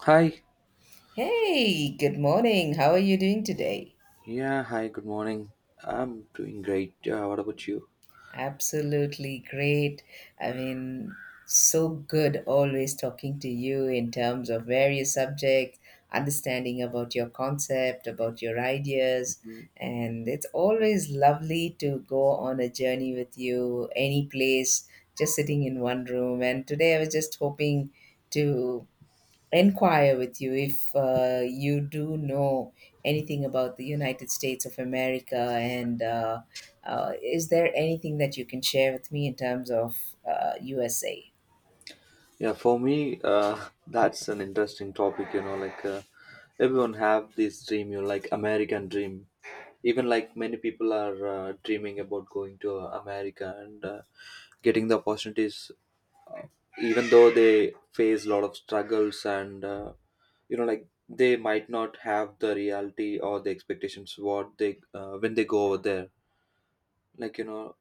Hi. Hey, good morning. How are you doing today? Yeah, hi, good morning. I'm doing great. What about you? Absolutely great. I mean, so good always talking to you in terms of various subjects, understanding about your concept, about your ideas. Mhm. And it's always lovely to go on a journey with you, any place, just sitting in one room. And today I was just hoping to inquire with you if you do know anything about the United States of America and is there anything that you can share with me in terms of USA? Yeah, for me, that's an interesting topic, like everyone have this dream, like American dream. Even like many people are dreaming about going to America and getting the opportunities, uh, even though they face a lot of struggles and like they might not have the reality or the expectations what they when they go over there, like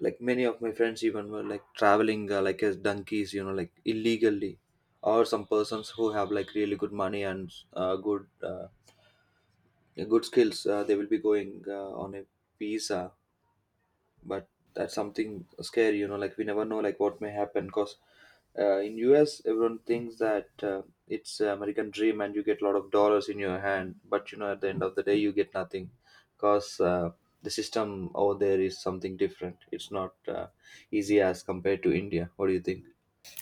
like many of my friends even were like traveling like as donkeys, like illegally, or some persons who have like really good money and good skills, they will be going on a visa. But that's something scary, like we never know like what may happen, because in US everyone thinks that it's American dream and you get a lot of dollars in your hand, but at the end of the day you get nothing, because the system over there is something different. It's not easy as compared to India. What do you think?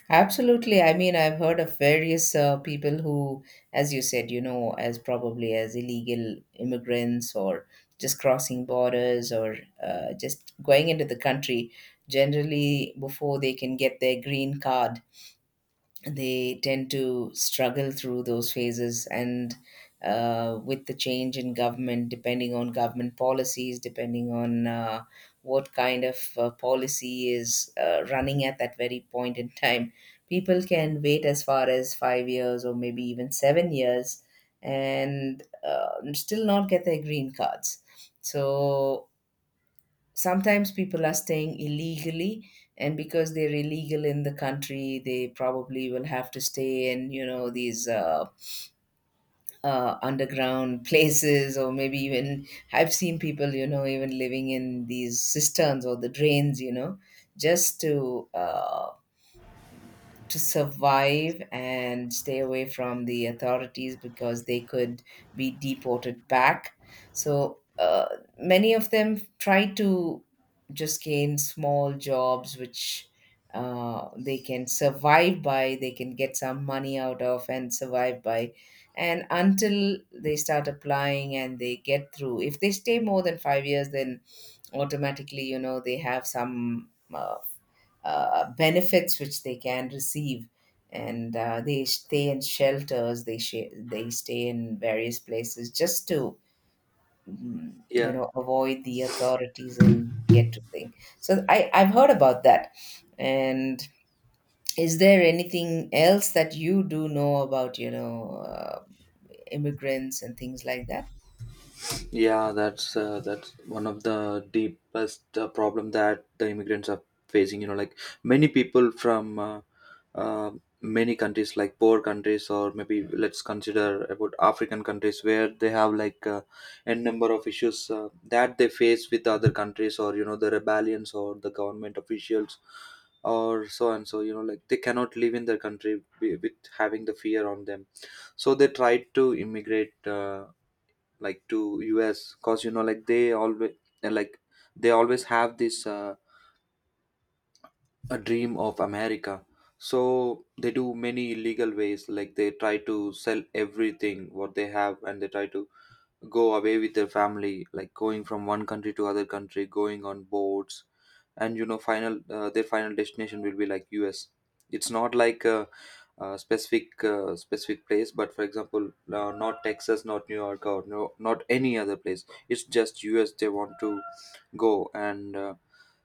Absolutely. I mean, I've heard of various people who, as you said, you know, as probably as illegal immigrants or just crossing borders or just going into the country, generally before they can get their green card, they tend to struggle through those phases and with the change in government, depending on government policies, depending on what kind of policy is running at that very point in time. People can wait as far as 5 years or maybe even 7 years and still not get their green cards. So sometimes people are staying illegally, and because they're illegal in the country, they probably will have to stay in, you know, these underground places or maybe even, I've seen people, you know, even living in these cisterns or the drains, you know, just to survive and stay away from the authorities because they could be deported back. So many of them try to just gain small jobs which they can survive by, they can get some money out of and survive by. And until they start applying and they get through, if they stay more than 5 years, then automatically, you know, they have some benefits which they can receive, and they stay in shelters, they they stay in various places just to you Yeah. know, avoid the authorities and get to thing. So I've heard about that. And is there anything else that you do know about, you know, immigrants and things like that? Yeah, that's one of the deepest problem that the immigrants are facing. You know, like many people from uh, many countries, like poor countries, or maybe let's consider about African countries where they have like n number of issues that they face with other countries, or the rebellions or the government officials, or so and so. You know, like they cannot live in their country with having the fear on them, so they try to immigrate. Like to US, cause like like they always have this a dream of America. So they do many illegal ways, like they try to sell everything what they have and they try to go away with their family, like going from one country to other country, going on boats, and final their final destination will be like US. It's not like a specific place, but for example, not Texas, not New York, or no, not any other place. It's just US they want to go. And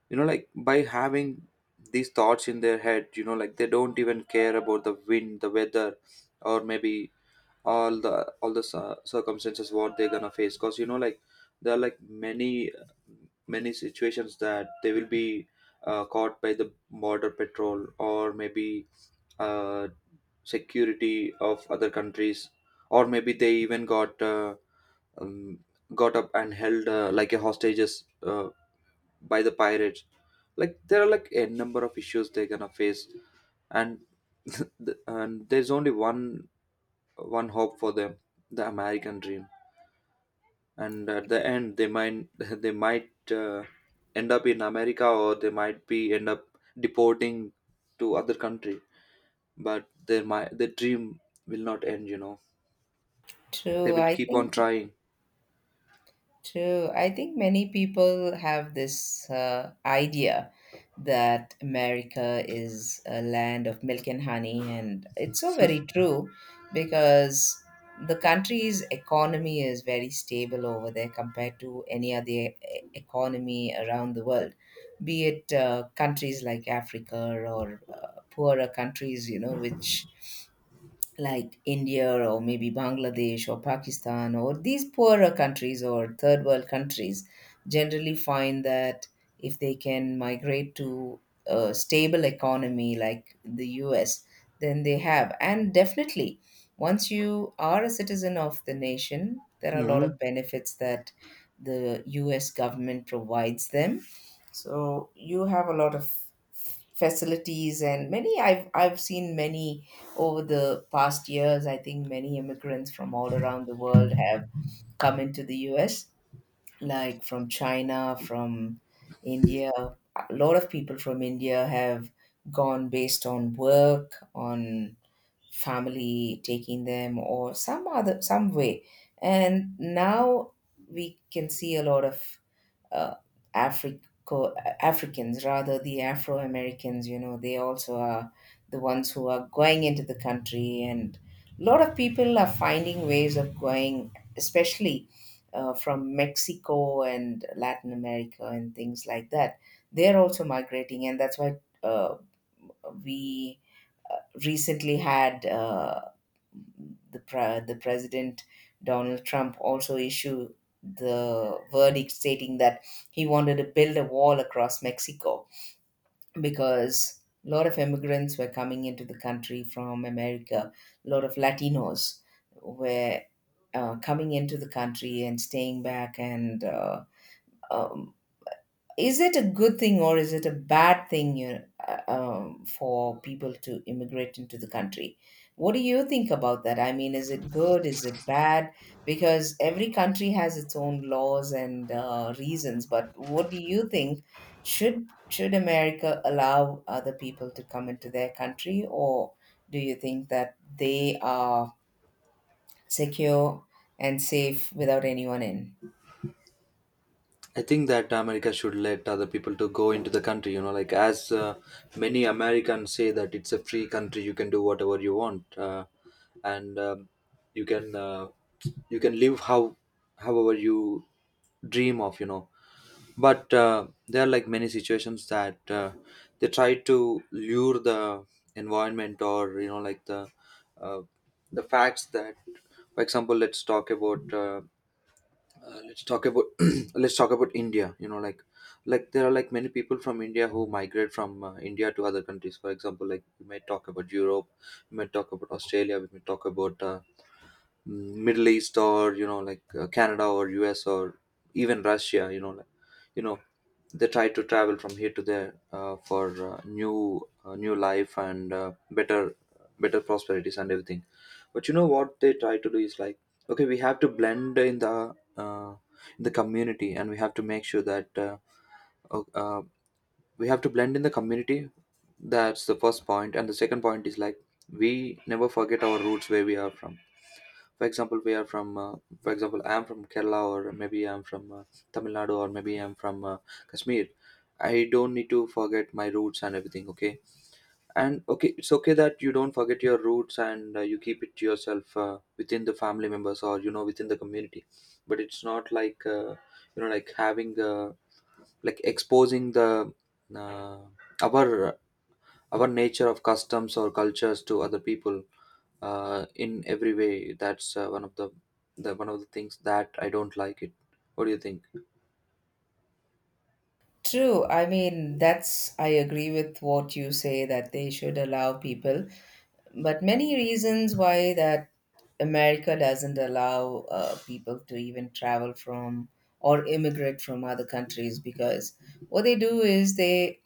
like by having these thoughts in their head, like they don't even care about the wind, the weather, or maybe all the circumstances what they're gonna face, because like there are like many situations that they will be caught by the border patrol, or maybe uh, security of other countries, or maybe they even um, got up and held like a hostages by the pirates. Like there are like a number of issues they're gonna face. And and there's only one hope for them, the American dream. And at the end, they might they might end up in America, or they might be end up deporting to other country, but their dream will not end. They True, will I keep on think. trying. True. I think many people have this idea that America is a land of milk and honey, and it's so very true because the country's economy is very stable over there compared to any other economy around the world, be it countries like Africa or poorer countries, you know, which, like India or maybe Bangladesh or Pakistan or these poorer countries or third world countries, generally find that if they can migrate to a stable economy like the US, then they have. And definitely, once you are a citizen of the nation, there are a lot Mhm. of benefits that the US government provides them. So you have a lot of facilities and many, I've seen many over the past years, I think many immigrants from all around the world have come into the US, like from China, from India. A lot of people from India have gone based on work, on family taking them, or some other some way. And now we can see a lot of uh, Africo Africans, rather the Afro Americans, you know, they also are the ones who are going into the country, and a lot of people are finding ways of going, especially from Mexico and Latin America and things like that. They're also migrating, and that's why uh, we recently had. The the president Donald Trump also issued the verdict stating that he wanted to build a wall across Mexico because a lot of immigrants were coming into the country from America. A lot of Latinos were coming into the country and staying back, and um, is it a good thing or is it a bad thing, you for people to immigrate into the country? What do you think about that? I mean, is it good? Is it bad? Because every country has its own laws and reasons. But what do you think? Should America allow other people to come into their country, or do you think that they are secure and safe without anyone in? I think that America should let other people to go into the country. You know, like as many Americans say that it's a free country. You can do whatever you want, and you can uh, you can live however you dream of. But there are like many situations that they try to lure the environment, or like uh, the facts that, for example, let's talk about. Let's talk about let's talk about India. Like there are like many people from India who migrate from India to other countries. For example, like we may talk about Europe, we may talk about Australia, we may talk about Middle East, or like Canada or US, or even Russia. Like you know they try to travel from here to there for new life and better prosperities and everything. But what they try to do is like, okay, we have to blend in the community. And we have to make sure that o- uh, we have to blend in the community. That's the first point. And the second point is like, we never forget our roots where we are from. For example, we are from, for example, I'm from Kerala, or maybe I'm from Tamil Nadu, or maybe I'm from Kashmir. I don't need to forget my roots and everything. Okay, and okay, it's okay that you don't forget your roots and you keep it to yourself, within the family members, or within the community. But it's not like, like having, like exposing the uh, our our nature of customs or cultures to other people in every way. That's one of the things that I don't like it. What do you think? True. I mean, that's, I agree with what you say that they should allow people, but many reasons why that America doesn't allow people to even travel from or immigrate from other countries, because what they do is they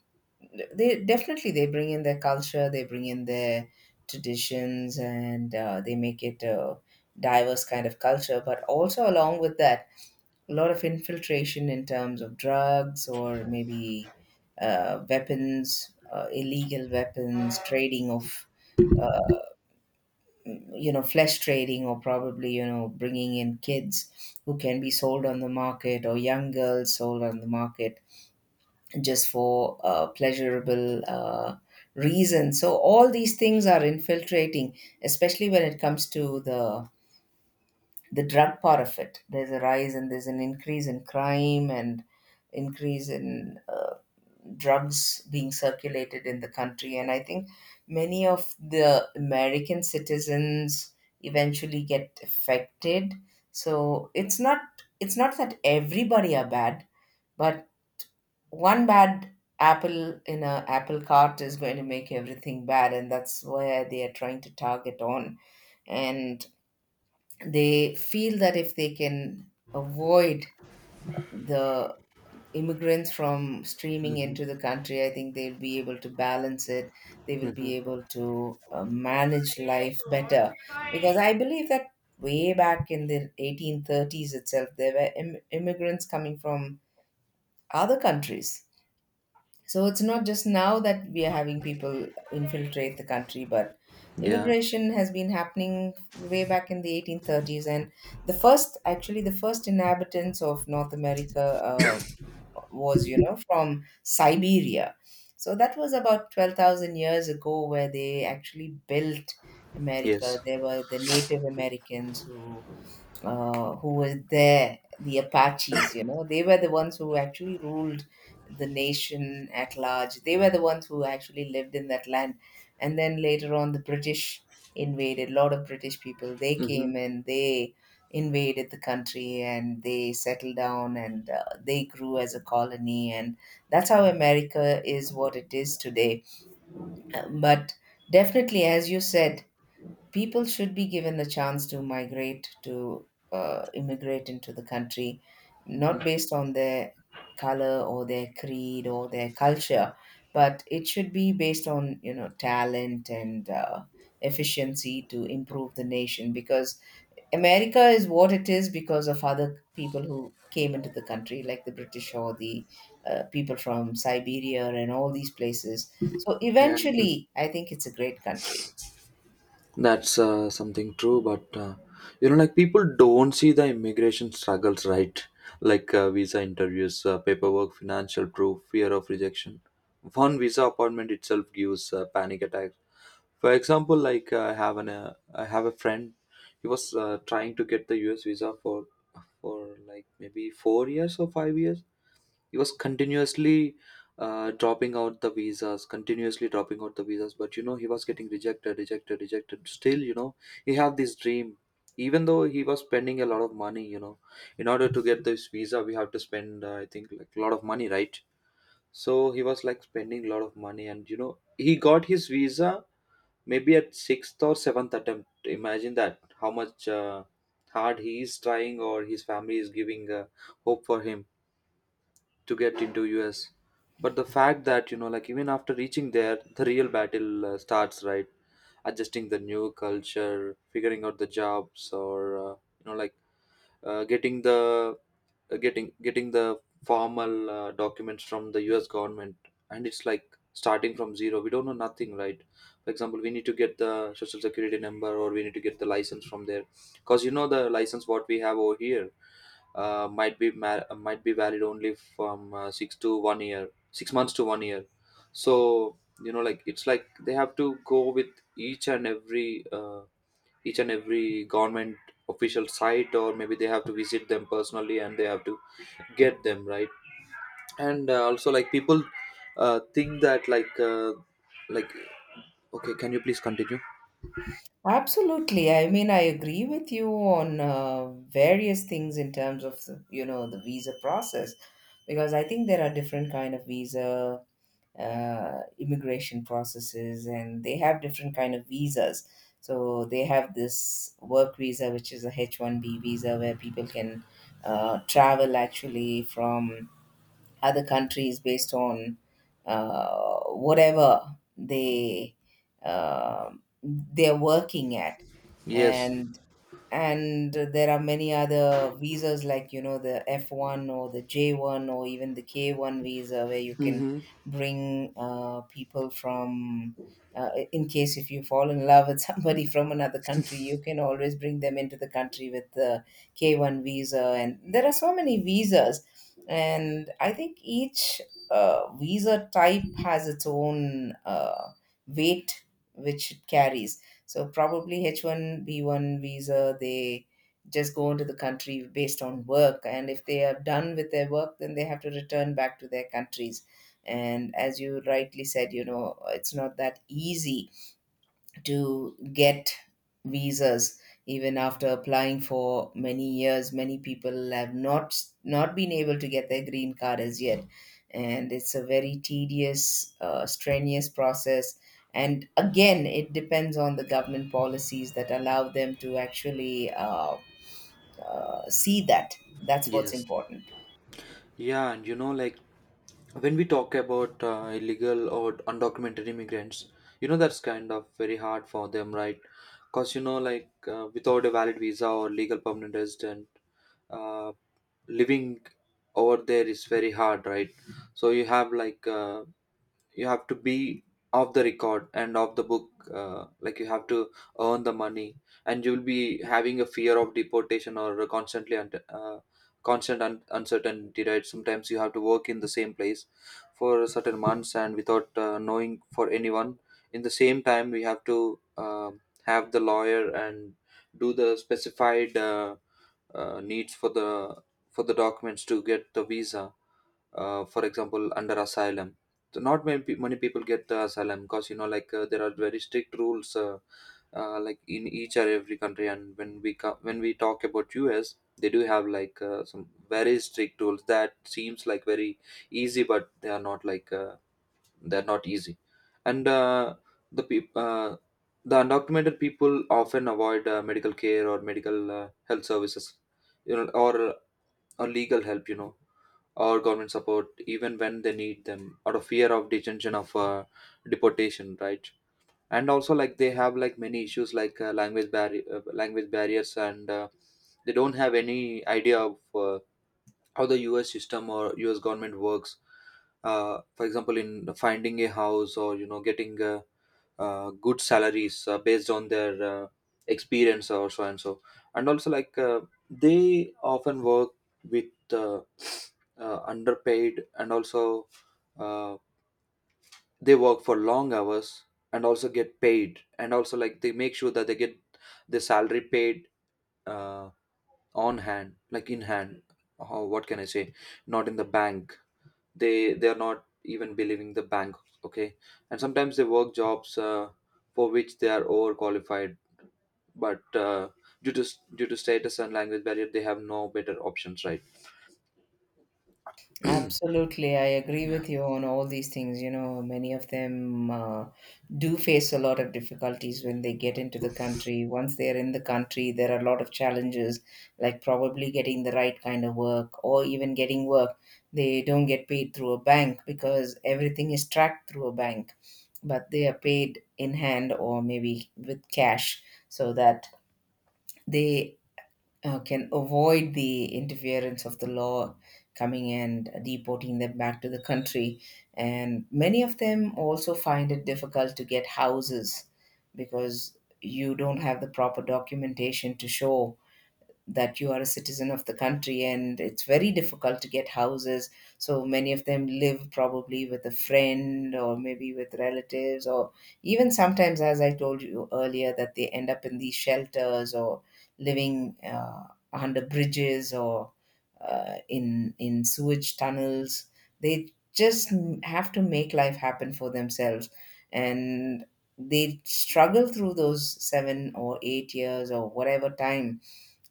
they definitely they bring in their culture, they bring in their traditions, and they make it a diverse kind of culture. But also along with that, a lot of infiltration in terms of drugs or maybe weapons, illegal weapons, trading of, uh, you know, flesh trading, or probably, you know, bringing in kids who can be sold on the market or young girls sold on the market just for pleasurable reasons. So, all these things are infiltrating, especially when it comes to the drug part of it. There's a rise and there's an increase in crime and increase in drugs being circulated in the country. And I think many of the American citizens eventually get affected. So it's not that everybody are bad, but one bad apple in a apple cart is going to make everything bad, and that's where they are trying to target on. And they feel that if they can avoid the immigrants from streaming into the Hmm. country, I think they'll be able to balance it. They will Hmm. be able to manage life better. Because I believe that way back in the 1830s itself, there were immigrants coming from other countries. So it's not just now that we are having people infiltrate the country, but Yeah. immigration has been happening way back in the 1830s. And the first, actually, the first inhabitants of North America was, you know, from Siberia. So that was about 12,000 years ago where they actually built America. Yes. There were the Native Americans who was there, the Apaches, you know, they were the ones who actually ruled the nation at large. They were the ones who actually lived in that land. And then later on, the British invaded, a lot of British people, they Hmm. came and they invaded the country and they settled down, and they grew as a colony. And that's how America is what it is today. But definitely, as you said, people should be given the chance to migrate to immigrate into the country not based on their color or their creed or their culture, but it should be based on, you know, talent and efficiency to improve the nation, because America is what it is because of other people who came into the country, like the British or the people from Siberia and all these places. So Yeah. eventually I think it's a great country. That's something true, but like people don't see the immigration struggles, right? Like visa interviews, paperwork, financial proof, fear of rejection. One visa appointment itself gives panic attacks. For example, like I have a friend. He was trying to get the U.S. visa for like maybe 4 years or 5 years. He was continuously dropping out the visas, continuously dropping out the visas. But he was getting rejected, rejected, rejected. Still, he had this dream. Even though he was spending a lot of money, in order to get this visa, we have to spend, I think, like a lot of money, right? So he was like spending a lot of money, and he got his visa maybe at sixth or seventh attempt. Imagine that how much hard he is trying, or his family is giving hope for him to get into US. But the fact that like even after reaching there, the real battle starts, right? Adjusting the new culture, figuring out the jobs, or like uh, getting the getting the formal documents from the US government. And it's like starting from zero, we don't know nothing, right? For example, we need to get the social security number, or we need to get the license from there, because the license what we have over here might be valid only from 6 to 1 year, 6 months to 1 year. So like it's like they have to go with each and every uh, each and every government official site, or maybe they have to visit them personally and they have to get them, right? And also like people think that like like, okay, can you please continue? Absolutely. I mean, I agree with you on various things in terms of the, you know, the visa process, because I think there are different kind of visa uh, immigration processes, and they have different kind of visas. So they have this work visa, which is a H1B visa, where people can travel actually from other countries based on whatever they they're working at, Yes. and and there are many other visas, like, you know, the F1 or the J1 or even the K1 visa, where you can Mm-hmm. bring people from in case if you fall in love with somebody from another country, you can always bring them into the country with the K1 visa. And there are so many visas, and I think each visa type has its own weight which it carries. So probably H1B1 visa, they just go into the country based on work. And if they are done with their work, then they have to return back to their countries. And as you rightly said, you know, it's not that easy to get visas. Even after applying for many years, many people have not been able to get their green card as yet, and it's a very tedious, strenuous process. And again, it depends on the government policies that allow them to actually see that that's what's Yes. important. Yeah, and like when we talk about illegal or undocumented immigrants, that's kind of very hard for them, right? Because like without a valid visa or legal permanent resident, uh, living over there is very hard, right? So you have to be off the record and off the book, like you have to earn the money, and you'll be having a fear of deportation, or a constantly, and constant uncertainty, right? Sometimes you have to work in the same place for certain months and without knowing for anyone. In the same time, we have to have the lawyer and do the specified needs for the documents to get the visa, for example, under asylum. So not many people get the asylum, because like there are very strict rules like in each or every country, and when we when we talk about US, they do have like some very strict rules that seems like very easy, but they're not easy. And the peop uh, the undocumented people often avoid medical care or medical health services, or legal help, or government support, even when they need them, out of fear of detention, of deportation, right? And also like they have like many issues, like language barriers, and they don't have any idea of how the US system or US government works. Uh, for example, in finding a house, or getting good salaries based on their experience, or so and so. And also like they often work with underpaid, and also uh, they work for long hours and also get paid, and also like they make sure that they get the salary paid, uh, on hand, like in hand. How, what can I say? Not in the bank. They are not even believing the bank. Okay. And sometimes they work jobs for which they are overqualified, but due to due to status and language barrier they have no better options, right? Absolutely, I agree Yeah. with you on all these things. You know, many of them do face a lot of difficulties when they get into the country. Once they're in the country, there are a lot of challenges, like probably getting the right kind of work or even getting work. They don't get paid through a bank because everything is tracked through a bank, but they are paid in hand or maybe with cash, so that they can avoid the interference of the law coming and deporting them back to the country. And many of them also find it difficult to get houses because you don't have the proper documentation to show that you are a citizen of the country and it's very difficult to get houses. So many of them live probably with a friend or maybe with relatives, or even sometimes, as I told you earlier, that they end up in these shelters or living under bridges or in sewage tunnels. They just have to make life happen for themselves, and they struggle through those 7 or 8 years or whatever time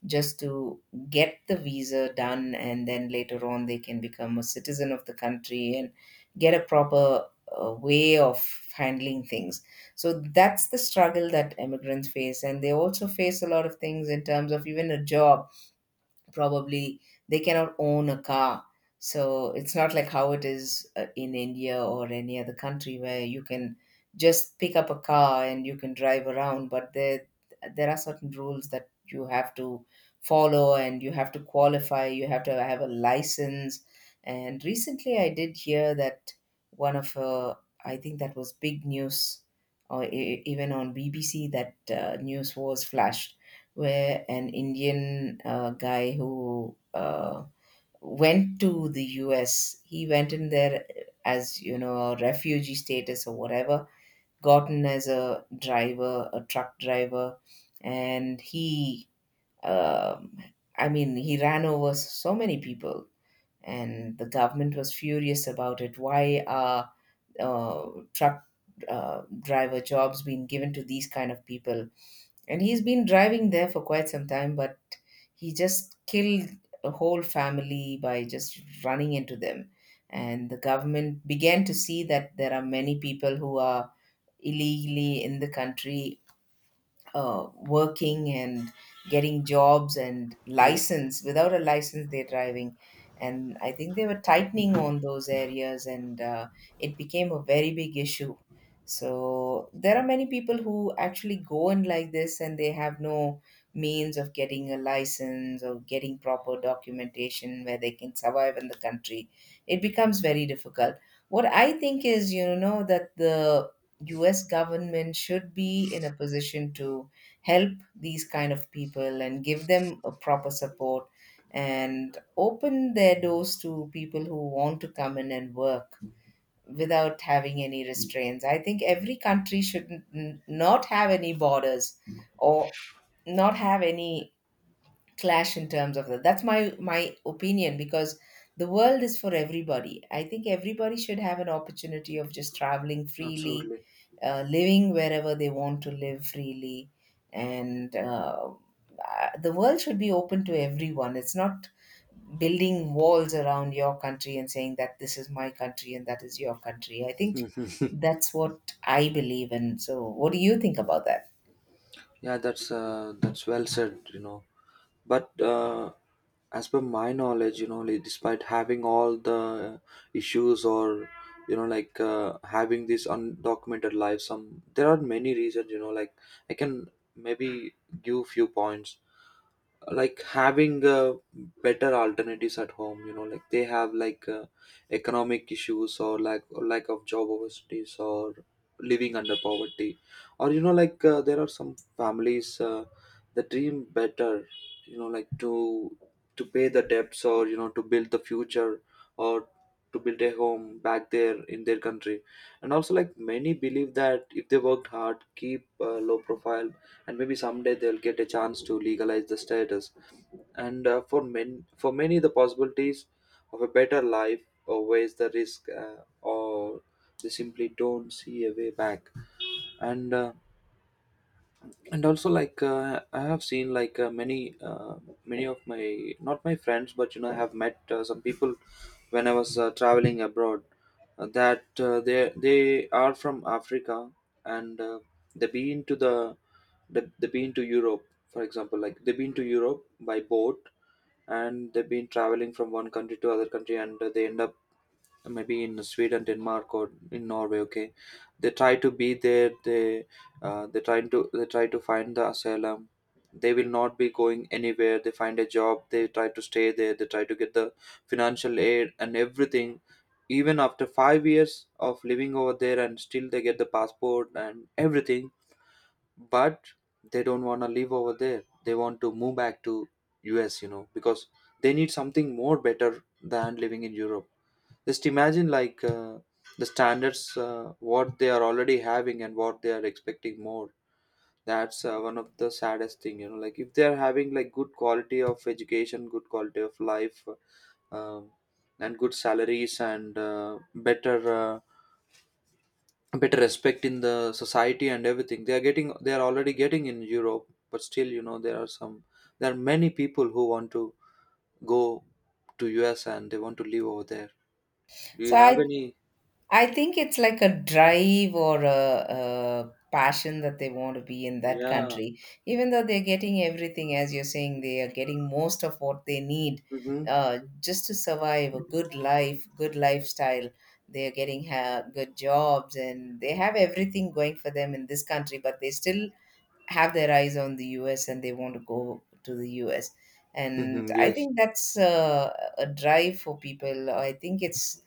just to get the visa done, and then later on they can become a citizen of the country and get a proper way of handling things. So that's the struggle that immigrants face, and they also face a lot of things in terms of even a job. Probably they cannot own a car, so it's not like how it is, in India or any other country, where you can just pick up a car and you can drive around. But there are certain rules that you have to follow, and you have to qualify, you have to have a license. And recently I did hear that one of I think that was big news, or even on BBC, that news was flashed where an Indian guy who went to the US. He went in there, as you know, a refugee status or whatever, gotten as a driver, a truck driver, and he, um, I mean, he ran over so many people. And the government was furious about it. Why are truck driver jobs being given to these kind of people? And he's been driving there for quite some time, but he just killed a whole family by just running into them. And the government began to see that there are many people who are illegally in the country, working and getting jobs and Yes. license, without a license they're driving. And I think they were tightening on those areas, and it became a very big issue. So there are many people who actually go in like this, and they have no means of getting a license or getting proper documentation where they can survive in the country. It becomes very difficult. What I think is, you know, that the US government should be in a position to help these kind of people and give them a proper support, and open their doors to people who want to come in and work without having any restraints. I think every country should not have any borders, or not have any clash in terms of that. That's my opinion, because the world is for everybody. I think everybody should have an opportunity of just traveling freely, Absolutely. Living wherever they want to live freely. And the world should be open to everyone. It's not building walls around your country and saying that this is my country and that is your country. I think Mhm. that's what I believe in. So, what do you think about that? Yeah, that's well said, you know. But as per my knowledge, you know, like, despite having all the issues, or you know like having this undocumented life, some, there are many reasons, you know. Like I can maybe give few points. Like having better alternatives at home, you know. Like they have like economic issues, or like, or lack of job opportunities, or living under poverty, or you know like there are some families that dream better, you know, like to pay the debts, or you know, to build the future, or to build a home back there in their country. And also like, many believe that if they worked hard, keep low profile, and maybe someday they'll get a chance to legalize the status. And for many the possibilities of a better life outweighs the risk, or they simply don't see a way back. and uh, and also like I have seen like many uh, many of my, not my friends, but you know, I have met some people when I was traveling abroad, that they are from africa. And They've been to the, they've been to europe. For example, like they've been to europe by boat. And they've been traveling from one country to other country, and they end up maybe in Sweden, Denmark, or in Norway. Okay, they try to be there. They, they try to, they try to find the asylum. They will not be going anywhere. They find a job. They try to stay there. They try to get the financial aid and everything. Even after 5 years of living over there, and still they get the passport and everything, but they don't want to live over there. They want to move back to US, you know, because they need something more better than living in Europe. Just imagine, like the standards, what they are already having and what they are expecting more. That's one of the saddest thing, you know. Like if they are having like good quality of education, good quality of life, um, and good salaries, and better better respect in the society and everything, they are getting, they are already getting in Europe. But still, you know, there are some, there are many people who want to go to US and they want to live over there. Do So, you have I any? I think it's like a drive or a passion that they want to be in that Yeah. country. Even though they're getting everything, as you're saying, they are getting most of what they need, Hmm. Just to survive a good life, good lifestyle. They are getting good jobs and they have everything going for them in this country, but they still have their eyes on the US and they want to go to the US. Hmm. And I Yes. think that's a drive for people. I think it's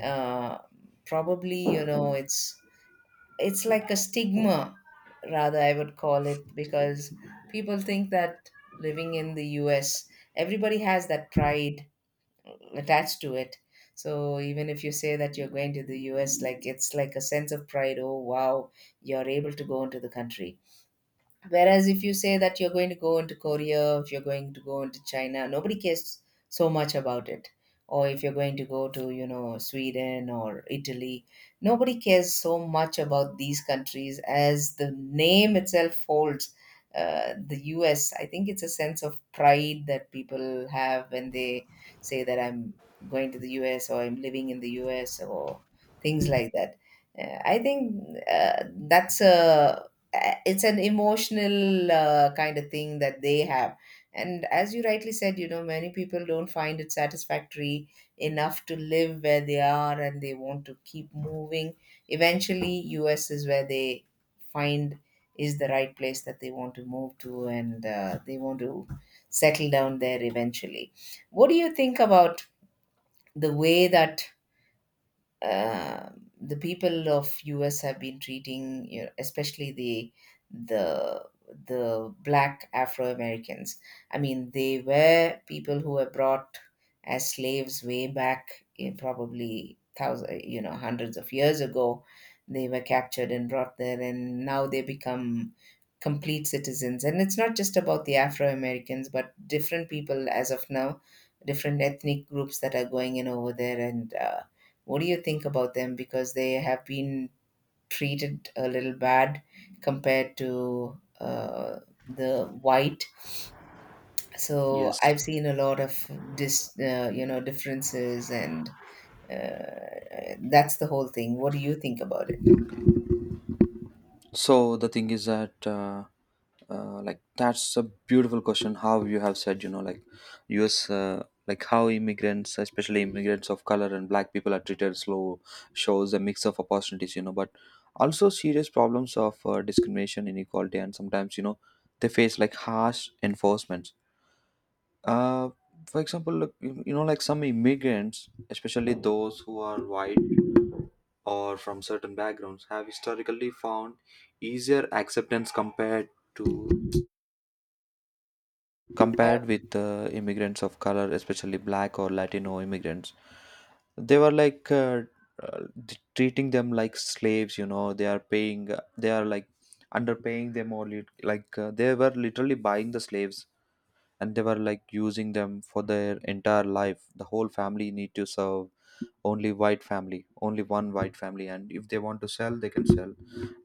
uh, probably, you know, it's like a stigma, rather, I would call it, because people think that living in the US, everybody has that pride attached to it. So even if you say that you're going to the US, like it's like a sense of pride. Oh wow, you're able to go into the country. Whereas if you say that you're going to go into Korea, if you're going to go into China, nobody cares so much about it. Or if you're going to go to, you know, Sweden or Italy, nobody cares so much about these countries as the name itself holds. The US, I think it's a sense of pride that people have when they say that I'm going to the US or I'm living in the US or things like that. I think that's a it's an emotional kind of thing that they have. And as you rightly said, you know, many people don't find it satisfactory enough to live where they are, and they want to keep moving. Eventually, US is where they find is the right place that they want to move to, and they want to settle down there eventually. What do you think about the way that the people of US have been treating, you know, especially the the black Afro Americans? I mean, they were people who were brought as slaves way back, in probably thousand, you know, hundreds of years ago. They were captured and brought there, and now they become complete citizens. And it's not just about the Afro Americans, but different people as of now, different ethnic groups that are going in over there. And what do you think about them? Because they have been treated a little bad compared to the white. So Yes. I've seen a lot of dis, you know, differences, and that's the whole thing. What do you think about it? So the thing is that like that's a beautiful question how you have said, you know. Like US, like how immigrants, especially immigrants of color and black people are treated, slow, shows a mix of opportunities, you know, but also serious problems of discrimination, inequality, and sometimes, you know, they face like harsh enforcement. uh, for example, look, you know like some immigrants, especially those who are white or from certain backgrounds, have historically found easier acceptance compared to, I, compared with immigrants of color, especially black or latino immigrants. They were like uh, treating them like slaves, you know. They are paying, they are like underpaying them, or like they were literally buying the slaves. And they were like using them for their entire life, the whole family need to serve only white family, only one white family, and if they want to sell they can sell. And